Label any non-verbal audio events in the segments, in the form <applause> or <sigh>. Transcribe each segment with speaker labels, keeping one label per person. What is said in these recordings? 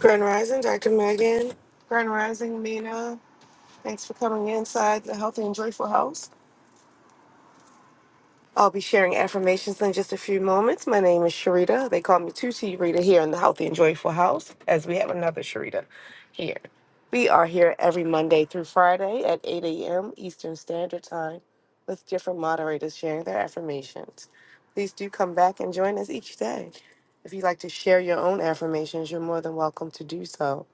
Speaker 1: Grand Rising, Dr. Megan. Grand Rising, Mina. Thanks for coming inside the Healthy and Joyful House. I'll be sharing affirmations in just a few moments. My name is Sharita. They call me 2T Rita here in the Healthy and Joyful House, as we have another Sharita here. We are here every Monday through Friday at 8 a.m. Eastern Standard Time with different moderators sharing their affirmations. Please do come back and join us each day. If you'd like to share your own affirmations, you're more than welcome to do so.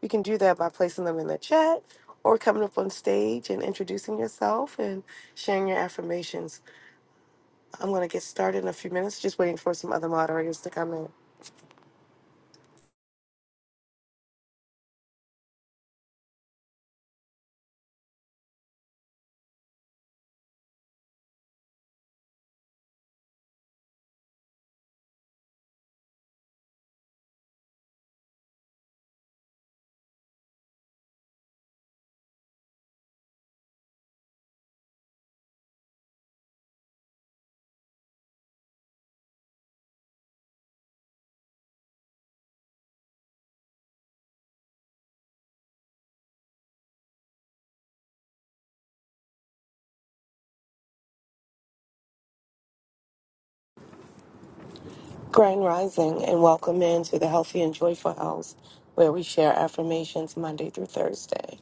Speaker 1: You can do that by placing them in the chat or coming up on stage and introducing yourself and sharing your affirmations. I'm going to get started in a few minutes, just waiting for some other moderators to come in. Grand Rising and welcome in to the Healthy and Joyful House, where we share affirmations Monday through Thursday.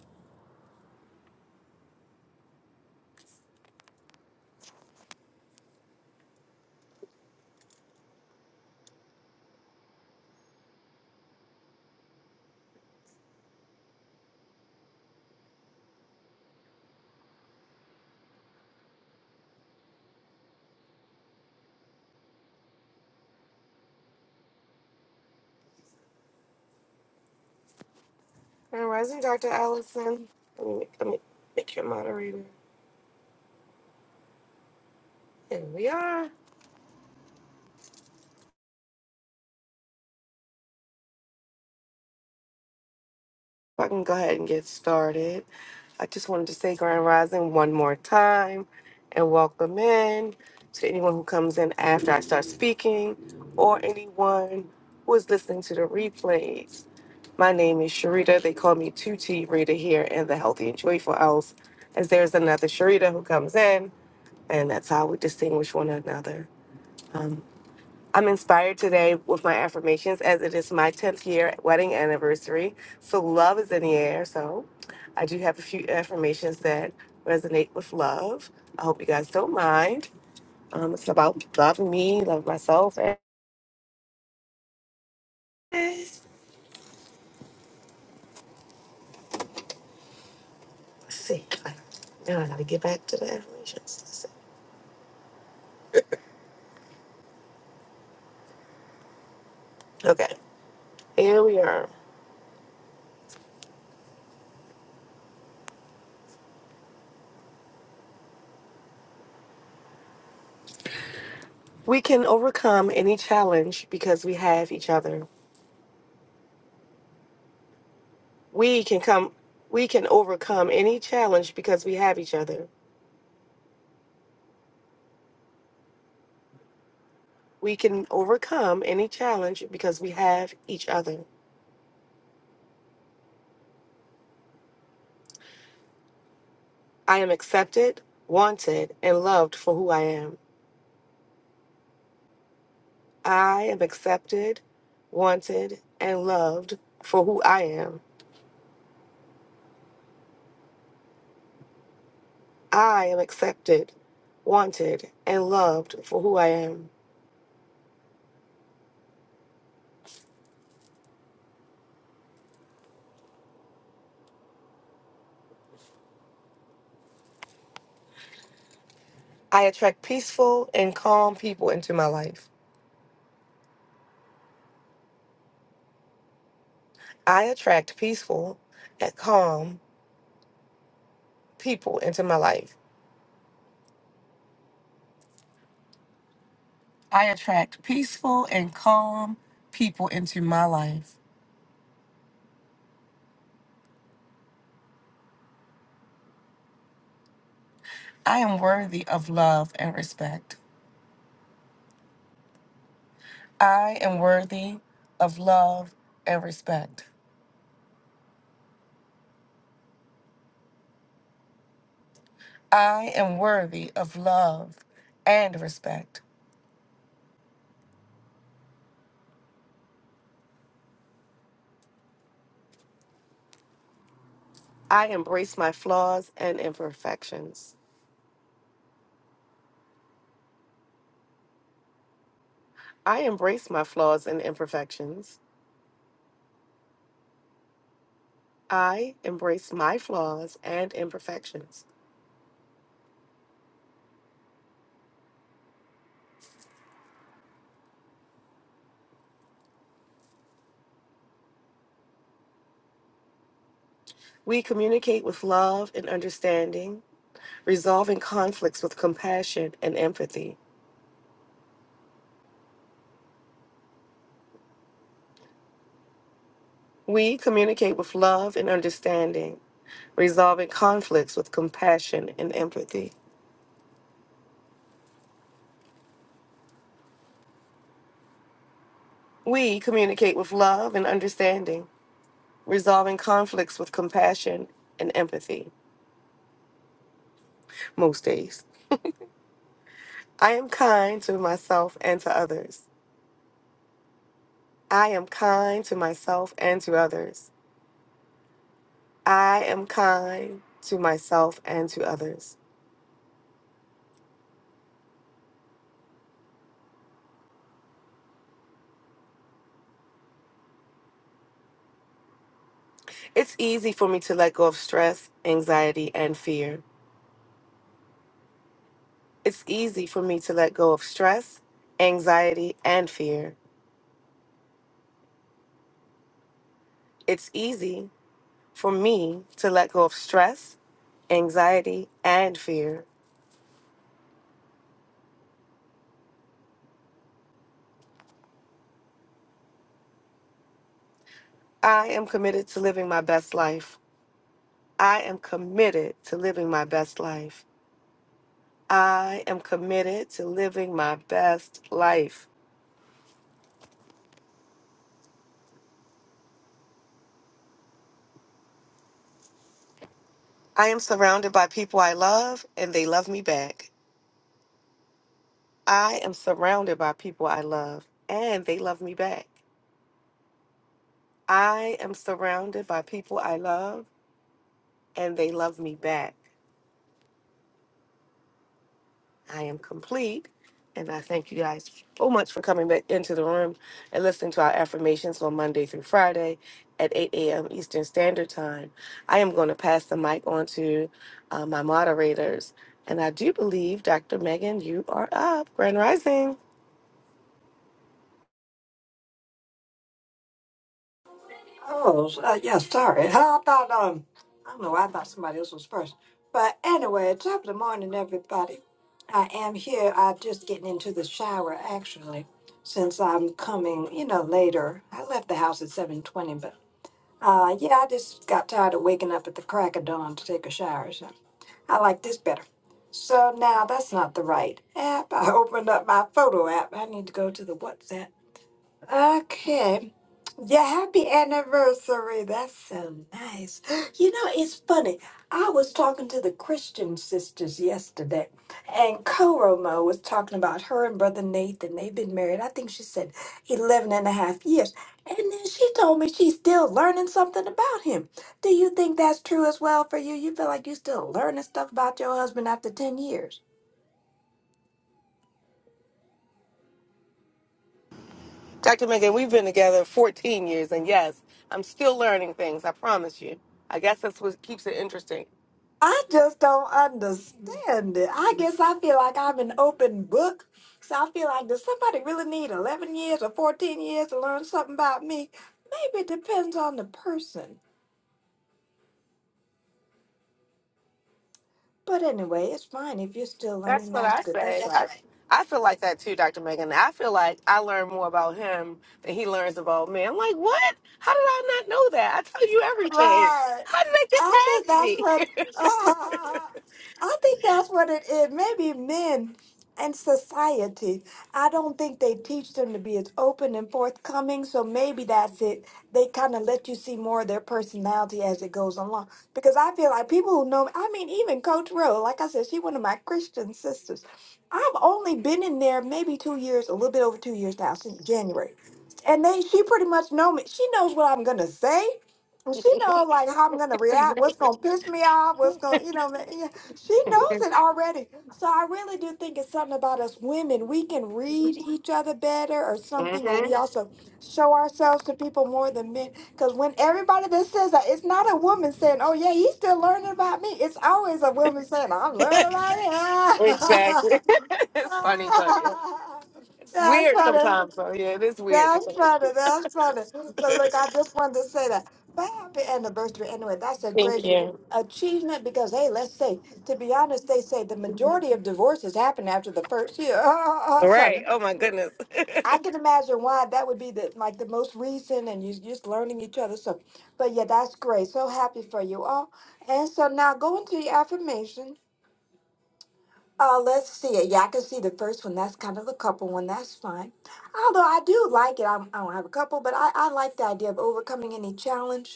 Speaker 1: Grand Rising, Dr. Allison. Let me, let me make your moderator. There we are. I can go ahead and get started. I just wanted to say Grand Rising one more time and welcome in to anyone who comes in after I start speaking or anyone who is listening to the replays. My name is Sharita. They call me 2T Rita here in the Healthy and Joyful House, as there's another Sharita who comes in, and that's how we distinguish one another. I'm inspired today with my affirmations as it is my 10th year wedding anniversary. So, love is in the air. So, I do have a few affirmations that resonate with love. I hope you guys don't mind. Um, it's about loving me, loving myself. And let's see. Now I gotta get back to the affirmations. Let's see. Okay, here we are. We can overcome any challenge because we have each other. We can come. We can overcome any challenge because we have each other. We can overcome any challenge because we have each other. I am accepted, wanted, and loved for who I am. I am accepted, wanted, and loved for who I am. I am accepted, wanted, and loved for who I am. I attract peaceful and calm people into my life. I attract peaceful and calm people into my life. I attract peaceful and calm people into my life. I am worthy of love and respect. I am worthy of love and respect. I am worthy of love and respect. I embrace my flaws and imperfections. I embrace my flaws and imperfections. I embrace my flaws and imperfections. We communicate with love and understanding, resolving conflicts with compassion and empathy. We communicate with love and understanding, resolving conflicts with compassion and empathy. We communicate with love and understanding, resolving conflicts with compassion and empathy most days. I am kind to myself and to others. I am kind to myself and to others. I am kind to myself and to others. It's easy for me to let go of stress, anxiety, and fear. It's easy for me to let go of stress, anxiety, and fear. It's easy for me to let go of stress, anxiety, and fear. I am committed to living my best life. I am committed to living my best life. I am committed to living my best life. I am surrounded by people I love and they love me back. I am surrounded by people I love and they love me back. I am surrounded by people I love and they love me back. I am complete. And I thank you guys so much for coming back into the room and listening to our affirmations on Monday through Friday at 8 a.m. Eastern Standard Time. I am going to pass the mic on to uh, my moderators. And I do believe, Dr. Megan, you are up. Grand Rising.
Speaker 2: Oh, uh, yeah, sorry. <laughs> I thought, um, I don't know, why I thought somebody else was first. But anyway, top of the morning, everybody. I am here. I'm just getting into the shower, actually, since I'm coming, you know, later. I left the house at 7.20, but, uh, yeah, I just got tired of waking up at the crack of dawn to take a shower, so I like this better. So now that's not the right app. <laughs> I opened up my photo app. I need to go to the WhatsApp. Okay. Yeah, happy anniversary. That's so nice. <gasps> You know, it's funny. I was talking to the Christian sisters yesterday, and Koromo was talking about her and Brother Nathan. They've been married, I think she said 11 and a half years. And then she told me she's still learning something about him. Do you think that's true as well for you? You feel like you're still learning stuff about your husband after 10 years?
Speaker 1: Dr. Megan, we've been together 14 years. And yes, I'm still learning things, I promise you. I guess that's what keeps it interesting.
Speaker 2: I just don't understand it. I guess I feel like I'm an open book. So I feel like does somebody really need 11 years or 14 years to learn something about me? Maybe it depends on the person. But anyway, it's fine if you're still
Speaker 1: That's
Speaker 2: learning.
Speaker 1: what
Speaker 2: That's
Speaker 1: I
Speaker 2: good.
Speaker 1: say.
Speaker 2: That's right.
Speaker 1: I, I feel like that too, Dr. Megan. I feel like I learn more about him than he learns about me. I'm like, what? How did I not know that? I tell you everything.
Speaker 2: Right.
Speaker 1: How did
Speaker 2: I think that's
Speaker 1: they get
Speaker 2: what <laughs>
Speaker 1: past me?
Speaker 2: I think that's what it is. Maybe men and society. I don't think they teach them to be as open and forthcoming. So maybe that's it. They kind of let you see more of their personality as it goes along. Because I feel like people who know me. I mean, even Coach Rowe. Like I said, she's one of my Christian sisters. I've only been in there maybe two years, a little bit over two years now, since January. And they, she pretty much know me. She knows what I'm gonna say well, she knows like how I'm gonna react, what's gonna piss me off, what's gonna, you know, ma- yeah, she knows it already. So I really do think it's something about us women. We can read each other better, or
Speaker 1: <laughs>
Speaker 2: something, or
Speaker 1: hmm
Speaker 2: we also show ourselves to people more than men. Because when everybody that says that, it's not a woman saying, "Oh yeah, he's still learning about me." It's always a woman saying, "I'm learning about
Speaker 1: Exactly.
Speaker 2: him."
Speaker 1: <laughs> it's funny, but yeah.
Speaker 2: <laughs>
Speaker 1: it's
Speaker 2: That's
Speaker 1: weird
Speaker 2: funny.
Speaker 1: sometimes. So yeah, it is weird.
Speaker 2: That's
Speaker 1: Sometimes.
Speaker 2: funny. That's funny. But look, I just wanted to say that. But happy anniversary anyway. That's a great
Speaker 1: Thank you.
Speaker 2: achievement because hey, let's say to be honest, they say the majority of divorces happen after the first year. <laughs>
Speaker 1: Right.
Speaker 2: so
Speaker 1: Oh my goodness. <laughs>
Speaker 2: I can imagine why that would be the like the most recent, and you just learning each other. So, but yeah, that's great. So happy for you all. And so now go into your affirmation. Uh, let's see it. Yeah, I can see the first one. That's kind of a couple one. That's fine. Although I do like it. I'm, I don't have a couple, but I, I like the idea of overcoming any challenge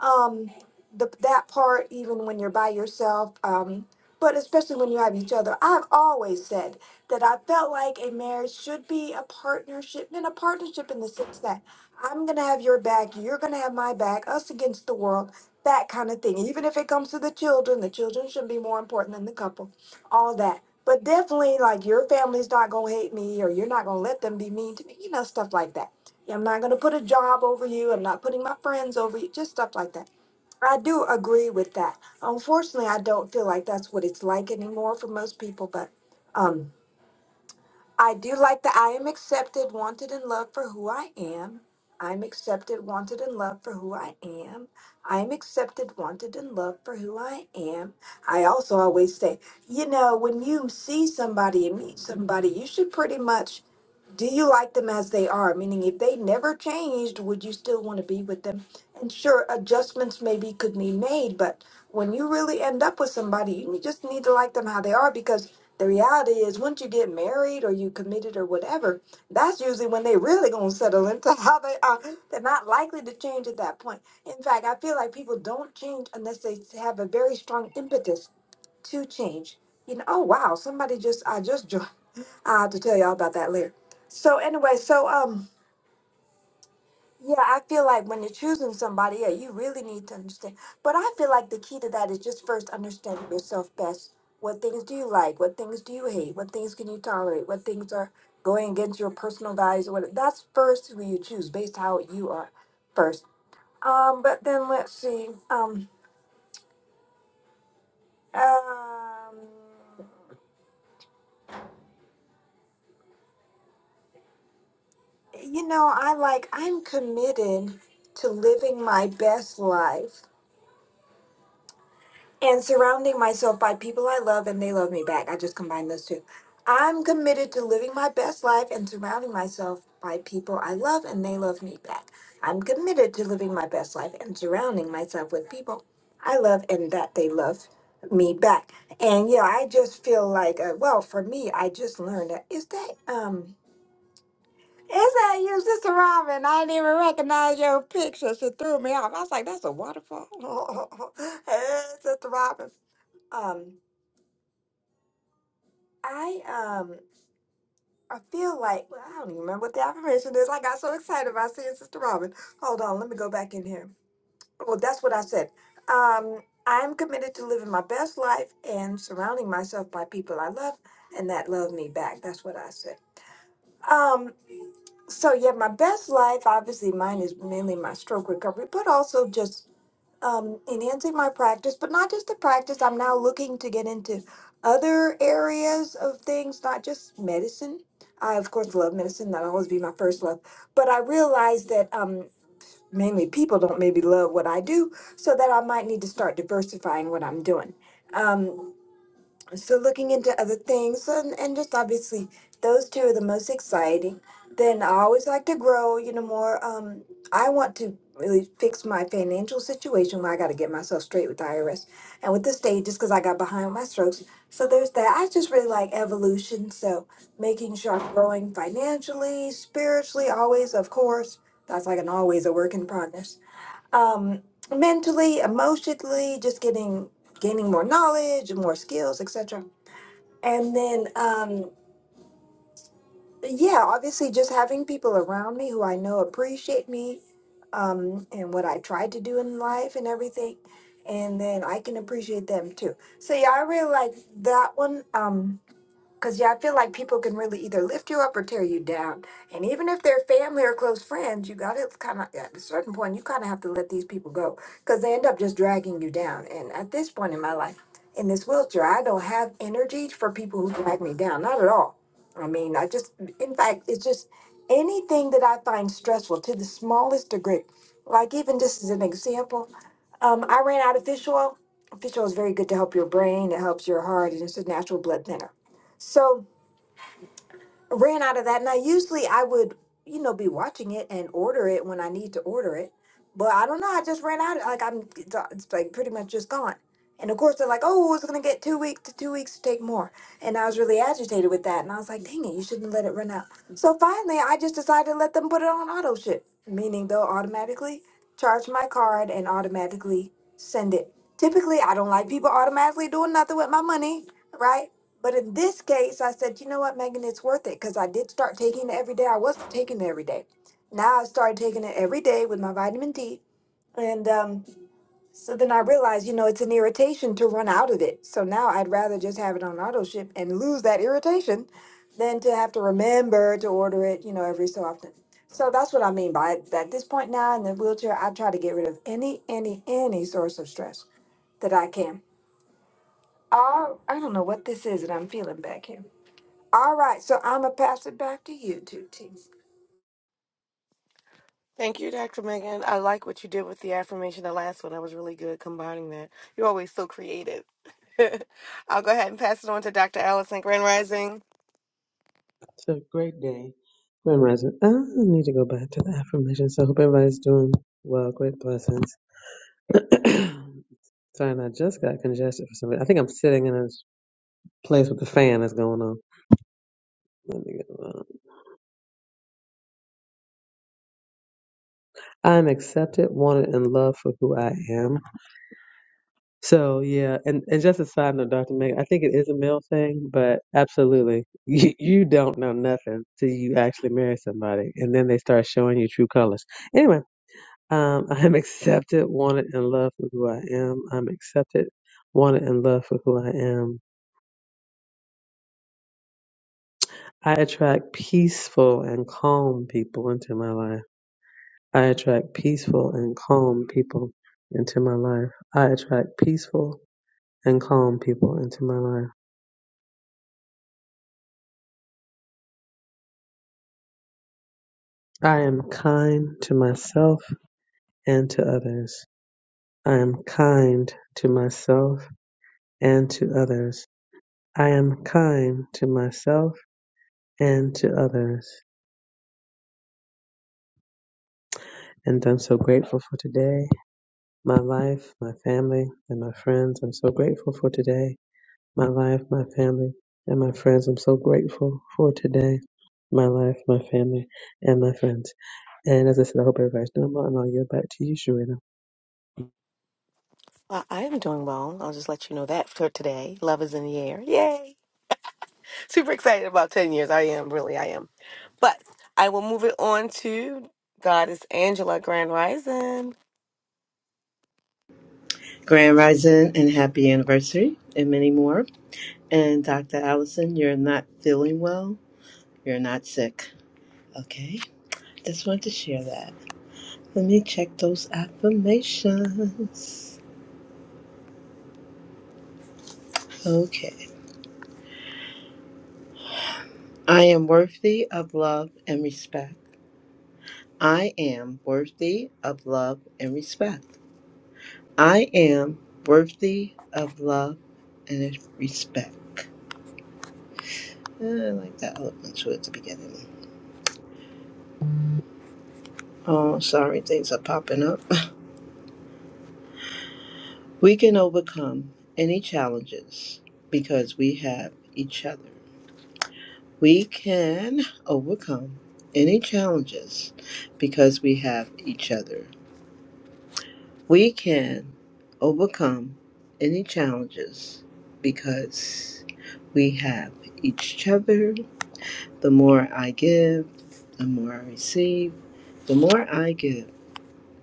Speaker 2: um the that part even when you're by yourself um but especially when you have each other i've always said that i felt like a marriage should be a partnership and a partnership in the sense that i'm gonna have your back you're gonna have my back us against the world that kind of thing even if it comes to the children the children should be more important than the couple all that but definitely like your family's not gonna hate me or you're not gonna let them be mean to me you know stuff like that I'm not going to put a job over you. I'm not putting my friends over you. Just stuff like that. I do agree with that. Unfortunately, I don't feel like that's what it's like anymore for most people, but um, I do like that I am accepted, wanted, and loved for who I am. I'm accepted, wanted, and loved for who I am. I'm accepted, wanted, and loved for who I am. I also always say, you know, when you see somebody and meet somebody, you should pretty much do you like them as they are? Meaning, if they never changed, would you still want to be with them? And sure, adjustments maybe could be made, but when you really end up with somebody, you just need to like them how they are because the reality is, once you get married or you committed or whatever, that's usually when they really gonna settle into <laughs> how they are. They're not likely to change at that point. In fact, I feel like people don't change unless they have a very strong impetus to change. You know, oh wow, somebody just I just <laughs> joined. I have to tell y'all about that later. So anyway, so um, yeah, I feel like when you're choosing somebody, yeah, you really need to understand. But I feel like the key to that is just first understanding yourself best. What things do you like? What things do you hate? What things can you tolerate? What things are going against your personal values? Or what? That's first who you choose based how you are first. Um, but then let's see. Um, um, you know, I like I'm committed to living my best life and surrounding myself by people I love and they love me back. I just combined those two. I'm committed to living my best life and surrounding myself by people I love and they love me back. I'm committed to living my best life and surrounding myself with people I love and that they love me back. And yeah, I just feel like uh, well, for me, I just learned that is that um it's that you, Sister Robin. I didn't even recognize your picture. She threw me off. I was like, that's a waterfall. <laughs> hey, Sister Robin. Um, I um I feel like well, I don't even remember what the affirmation is. I got so excited about seeing Sister Robin. Hold on, let me go back in here. Well, that's what I said. Um, I am committed to living my best life and surrounding myself by people I love and that love me back. That's what I said. Um, So yeah, my best life, obviously mine is mainly my stroke recovery, but also just um, enhancing my practice, but not just the practice. I'm now looking to get into other areas of things, not just medicine. I of course love medicine; that'll always be my first love. But I realize that um, mainly people don't maybe love what I do, so that I might need to start diversifying what I'm doing. Um, so looking into other things and, and just obviously those two are the most exciting then i always like to grow you know more um i want to really fix my financial situation where i got to get myself straight with the irs and with the state just because i got behind with my strokes so there's that i just really like evolution so making sure i'm growing financially spiritually always of course that's like an always a work in progress um mentally emotionally just getting gaining more knowledge more skills etc and then, um, yeah, obviously, just having people around me who I know appreciate me um, and what I tried to do in life and everything. And then I can appreciate them too. So, yeah, I really like that one. Um, because, yeah, I feel like people can really either lift you up or tear you down. And even if they're family or close friends, you got to kind of, at a certain point, you kind of have to let these people go because they end up just dragging you down. And at this point in my life, in this wheelchair, I don't have energy for people who drag me down. Not at all. I mean, I just, in fact, it's just anything that I find stressful to the smallest degree. Like, even just as an example, um, I ran out of fish oil. Fish oil is very good to help your brain, it helps your heart, and it's a natural blood thinner. So ran out of that. Now usually I would, you know, be watching it and order it when I need to order it. But I don't know. I just ran out. Of, like I'm, it's uh, it's, like pretty much just gone. And of course they're like, oh, it's gonna get two weeks to two weeks to take more. And I was really agitated with that. And I was like, dang it, you shouldn't let it run out. So finally, I just decided to let them put it on auto ship, meaning they'll automatically charge my card and automatically send it. Typically, I don't like people automatically doing nothing with my money, right? But in this case, I said, you know what, Megan, it's worth it because I did start taking it every day. I wasn't taking it every day. Now I started taking it every day with my vitamin D. And um, so then I realized, you know, it's an irritation to run out of it. So now I'd rather just have it on auto ship and lose that irritation than to have to remember to order it, you know, every so often. So that's what I mean by it. At this point now in the wheelchair, I try to get rid of any, any, any source of stress that I can. Oh, I don't know what this is that I'm feeling back here. All right, so I'm gonna pass it back to you two teams.
Speaker 1: Thank you, Dr. Megan. I like what you did with the affirmation. The last one, I was really good combining that. You're always so creative. <laughs> I'll go ahead and pass it on to Dr. Allison Grand Rising.
Speaker 3: It's a great day. Grand Rising. I need to go back to the affirmation. So I hope everybody's doing well. Great blessings. <clears throat> Sorry, and I just got congested for some reason. I think I'm sitting in a place with the fan that's going on. Let me get around. I'm accepted, wanted, and loved for who I am. So yeah, and, and just a side note, Dr. Meg, I think it is a male thing, but absolutely. <laughs> You, you don't know nothing till you actually marry somebody and then they start showing you true colors. Anyway, Um, <laughs> I am accepted, wanted, and loved for who I am. I'm accepted, wanted, and loved for who I am. I attract peaceful and calm people into my life. I attract peaceful and calm people into my life. I attract peaceful and calm people into my life. I am kind to myself and to others. I am kind to myself and to others. I am kind to myself and to others. And I'm so grateful for today, my life, my family, and my friends. I'm so grateful for today, my life, my family, and my friends. I'm so grateful for today, my life, my family, and my friends. And as I said, I hope everybody's doing well, and I'll yield back to you, Sharita.
Speaker 1: Uh, I am doing well. I'll just let you know that for today. Love is in the air. Yay! Super excited about 10 years. I am, really, I am. But I will move it on to Goddess Angela Grand Rising.
Speaker 4: Grand Rising and happy anniversary, and many more. And Dr. Allison, you're not feeling well. You're not sick. Okay? Just wanted to share that. Let me check those affirmations. Okay. I am worthy of love and respect. I am worthy of love and respect. I am worthy of love and respect. Eh, I like that little one too at the beginning. Oh, sorry, things are popping up. We can overcome any challenges because we have each other. We can overcome any challenges because we have each other. We can overcome any challenges because we have each other. The more I give, the more I receive. The more I give,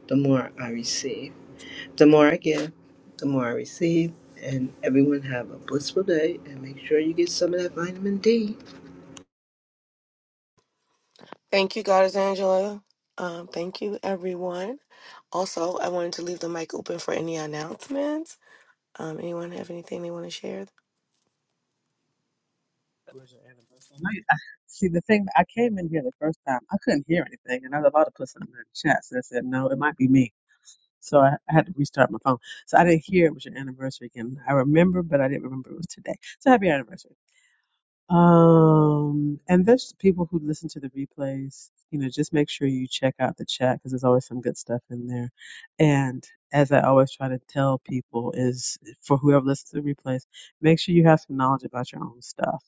Speaker 4: the more I receive. The more I give, the more I receive. And everyone have a blissful day and make sure you get some of that vitamin D.
Speaker 1: Thank you, Goddess Angela. Um, thank you, everyone. Also, I wanted to leave the mic open for any announcements. Um, anyone have anything they want to share?
Speaker 3: It was your anniversary. I know you- I- see, the thing, I came in here the first time, I couldn't hear anything, and I was about to put something in the chat, so I said, no, it might be me. So I, I had to restart my phone. So I didn't hear it was your anniversary again. I remember, but I didn't remember it was today. So happy anniversary. Um, and there's people who listen to the replays. You know, just make sure you check out the chat because there's always some good stuff in there. And as I always try to tell people, is for whoever listens to the replays, make sure you have some knowledge about your own stuff.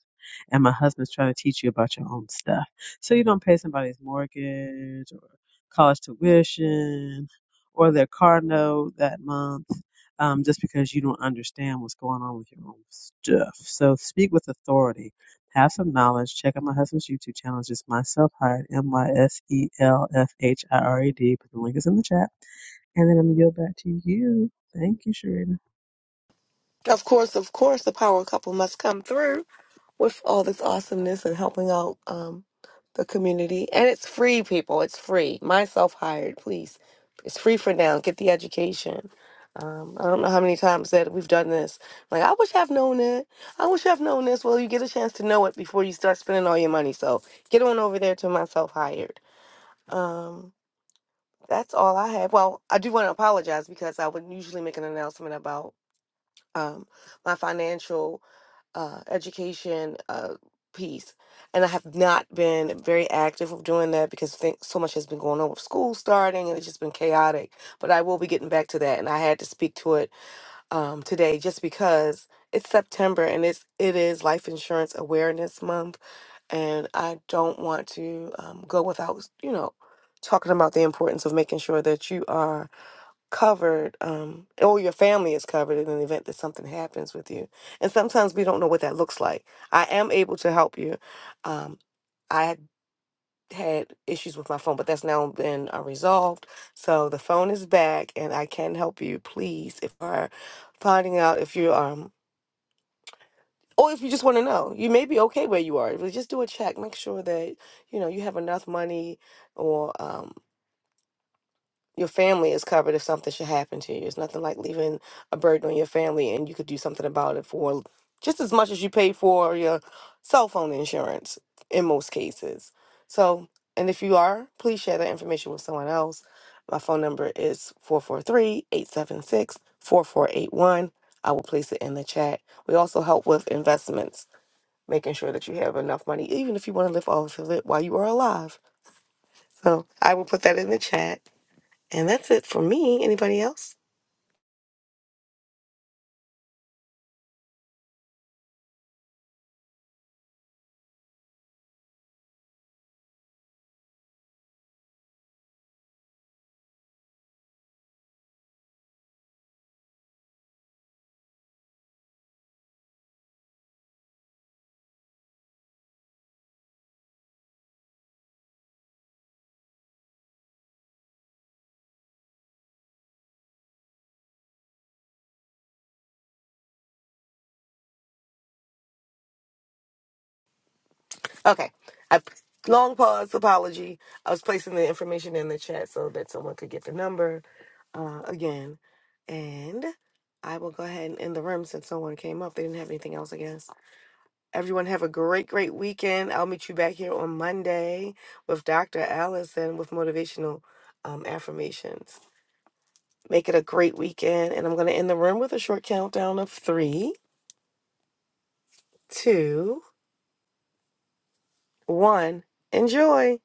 Speaker 3: And my husband's trying to teach you about your own stuff, so you don't pay somebody's mortgage or college tuition or their car note that month um, just because you don't understand what's going on with your own stuff. So speak with authority have some knowledge, check out my husband's YouTube channel. It's just myself hired, M Y S E L F H I R E D. Put the link is in the chat. And then I'm going to yield back to you. Thank you, Sharina.
Speaker 1: Of course, of course, the power couple must come through with all this awesomeness and helping out um, the community. And it's free, people. It's free. Myself hired, please. It's free for now. Get the education. Um, I don't know how many times that we've done this. Like, I wish I've known it. I wish I've known this. Well, you get a chance to know it before you start spending all your money. So get on over there to myself hired. Um, that's all I have. Well, I do want to apologize because I would usually make an announcement about um, my financial uh, education uh, piece. And I have not been very active with doing that because think so much has been going on with school starting and it's just been chaotic. But I will be getting back to that, and I had to speak to it um, today just because it's September and it's it is Life Insurance Awareness Month, and I don't want to um, go without you know talking about the importance of making sure that you are covered um or your family is covered in an event that something happens with you and sometimes we don't know what that looks like i am able to help you um i had had issues with my phone but that's now been uh, resolved so the phone is back and i can help you please if you are finding out if you um or if you just want to know you may be okay where you are but just do a check make sure that you know you have enough money or um your family is covered if something should happen to you. It's nothing like leaving a burden on your family and you could do something about it for just as much as you pay for your cell phone insurance in most cases. So, and if you are, please share that information with someone else. My phone number is 443 876 4481. I will place it in the chat. We also help with investments, making sure that you have enough money, even if you want to live off of it while you are alive. So I will put that in the chat. And that's it for me. Anybody else? Okay. I long pause. Apology. I was placing the information in the chat so that someone could get the number uh, again. And I will go ahead and end the room since someone came up. They didn't have anything else, I guess. Everyone have a great, great weekend. I'll meet you back here on Monday with Dr. Allison with motivational um, affirmations. Make it a great weekend. And I'm going to end the room with a short countdown of three, two, one. Enjoy.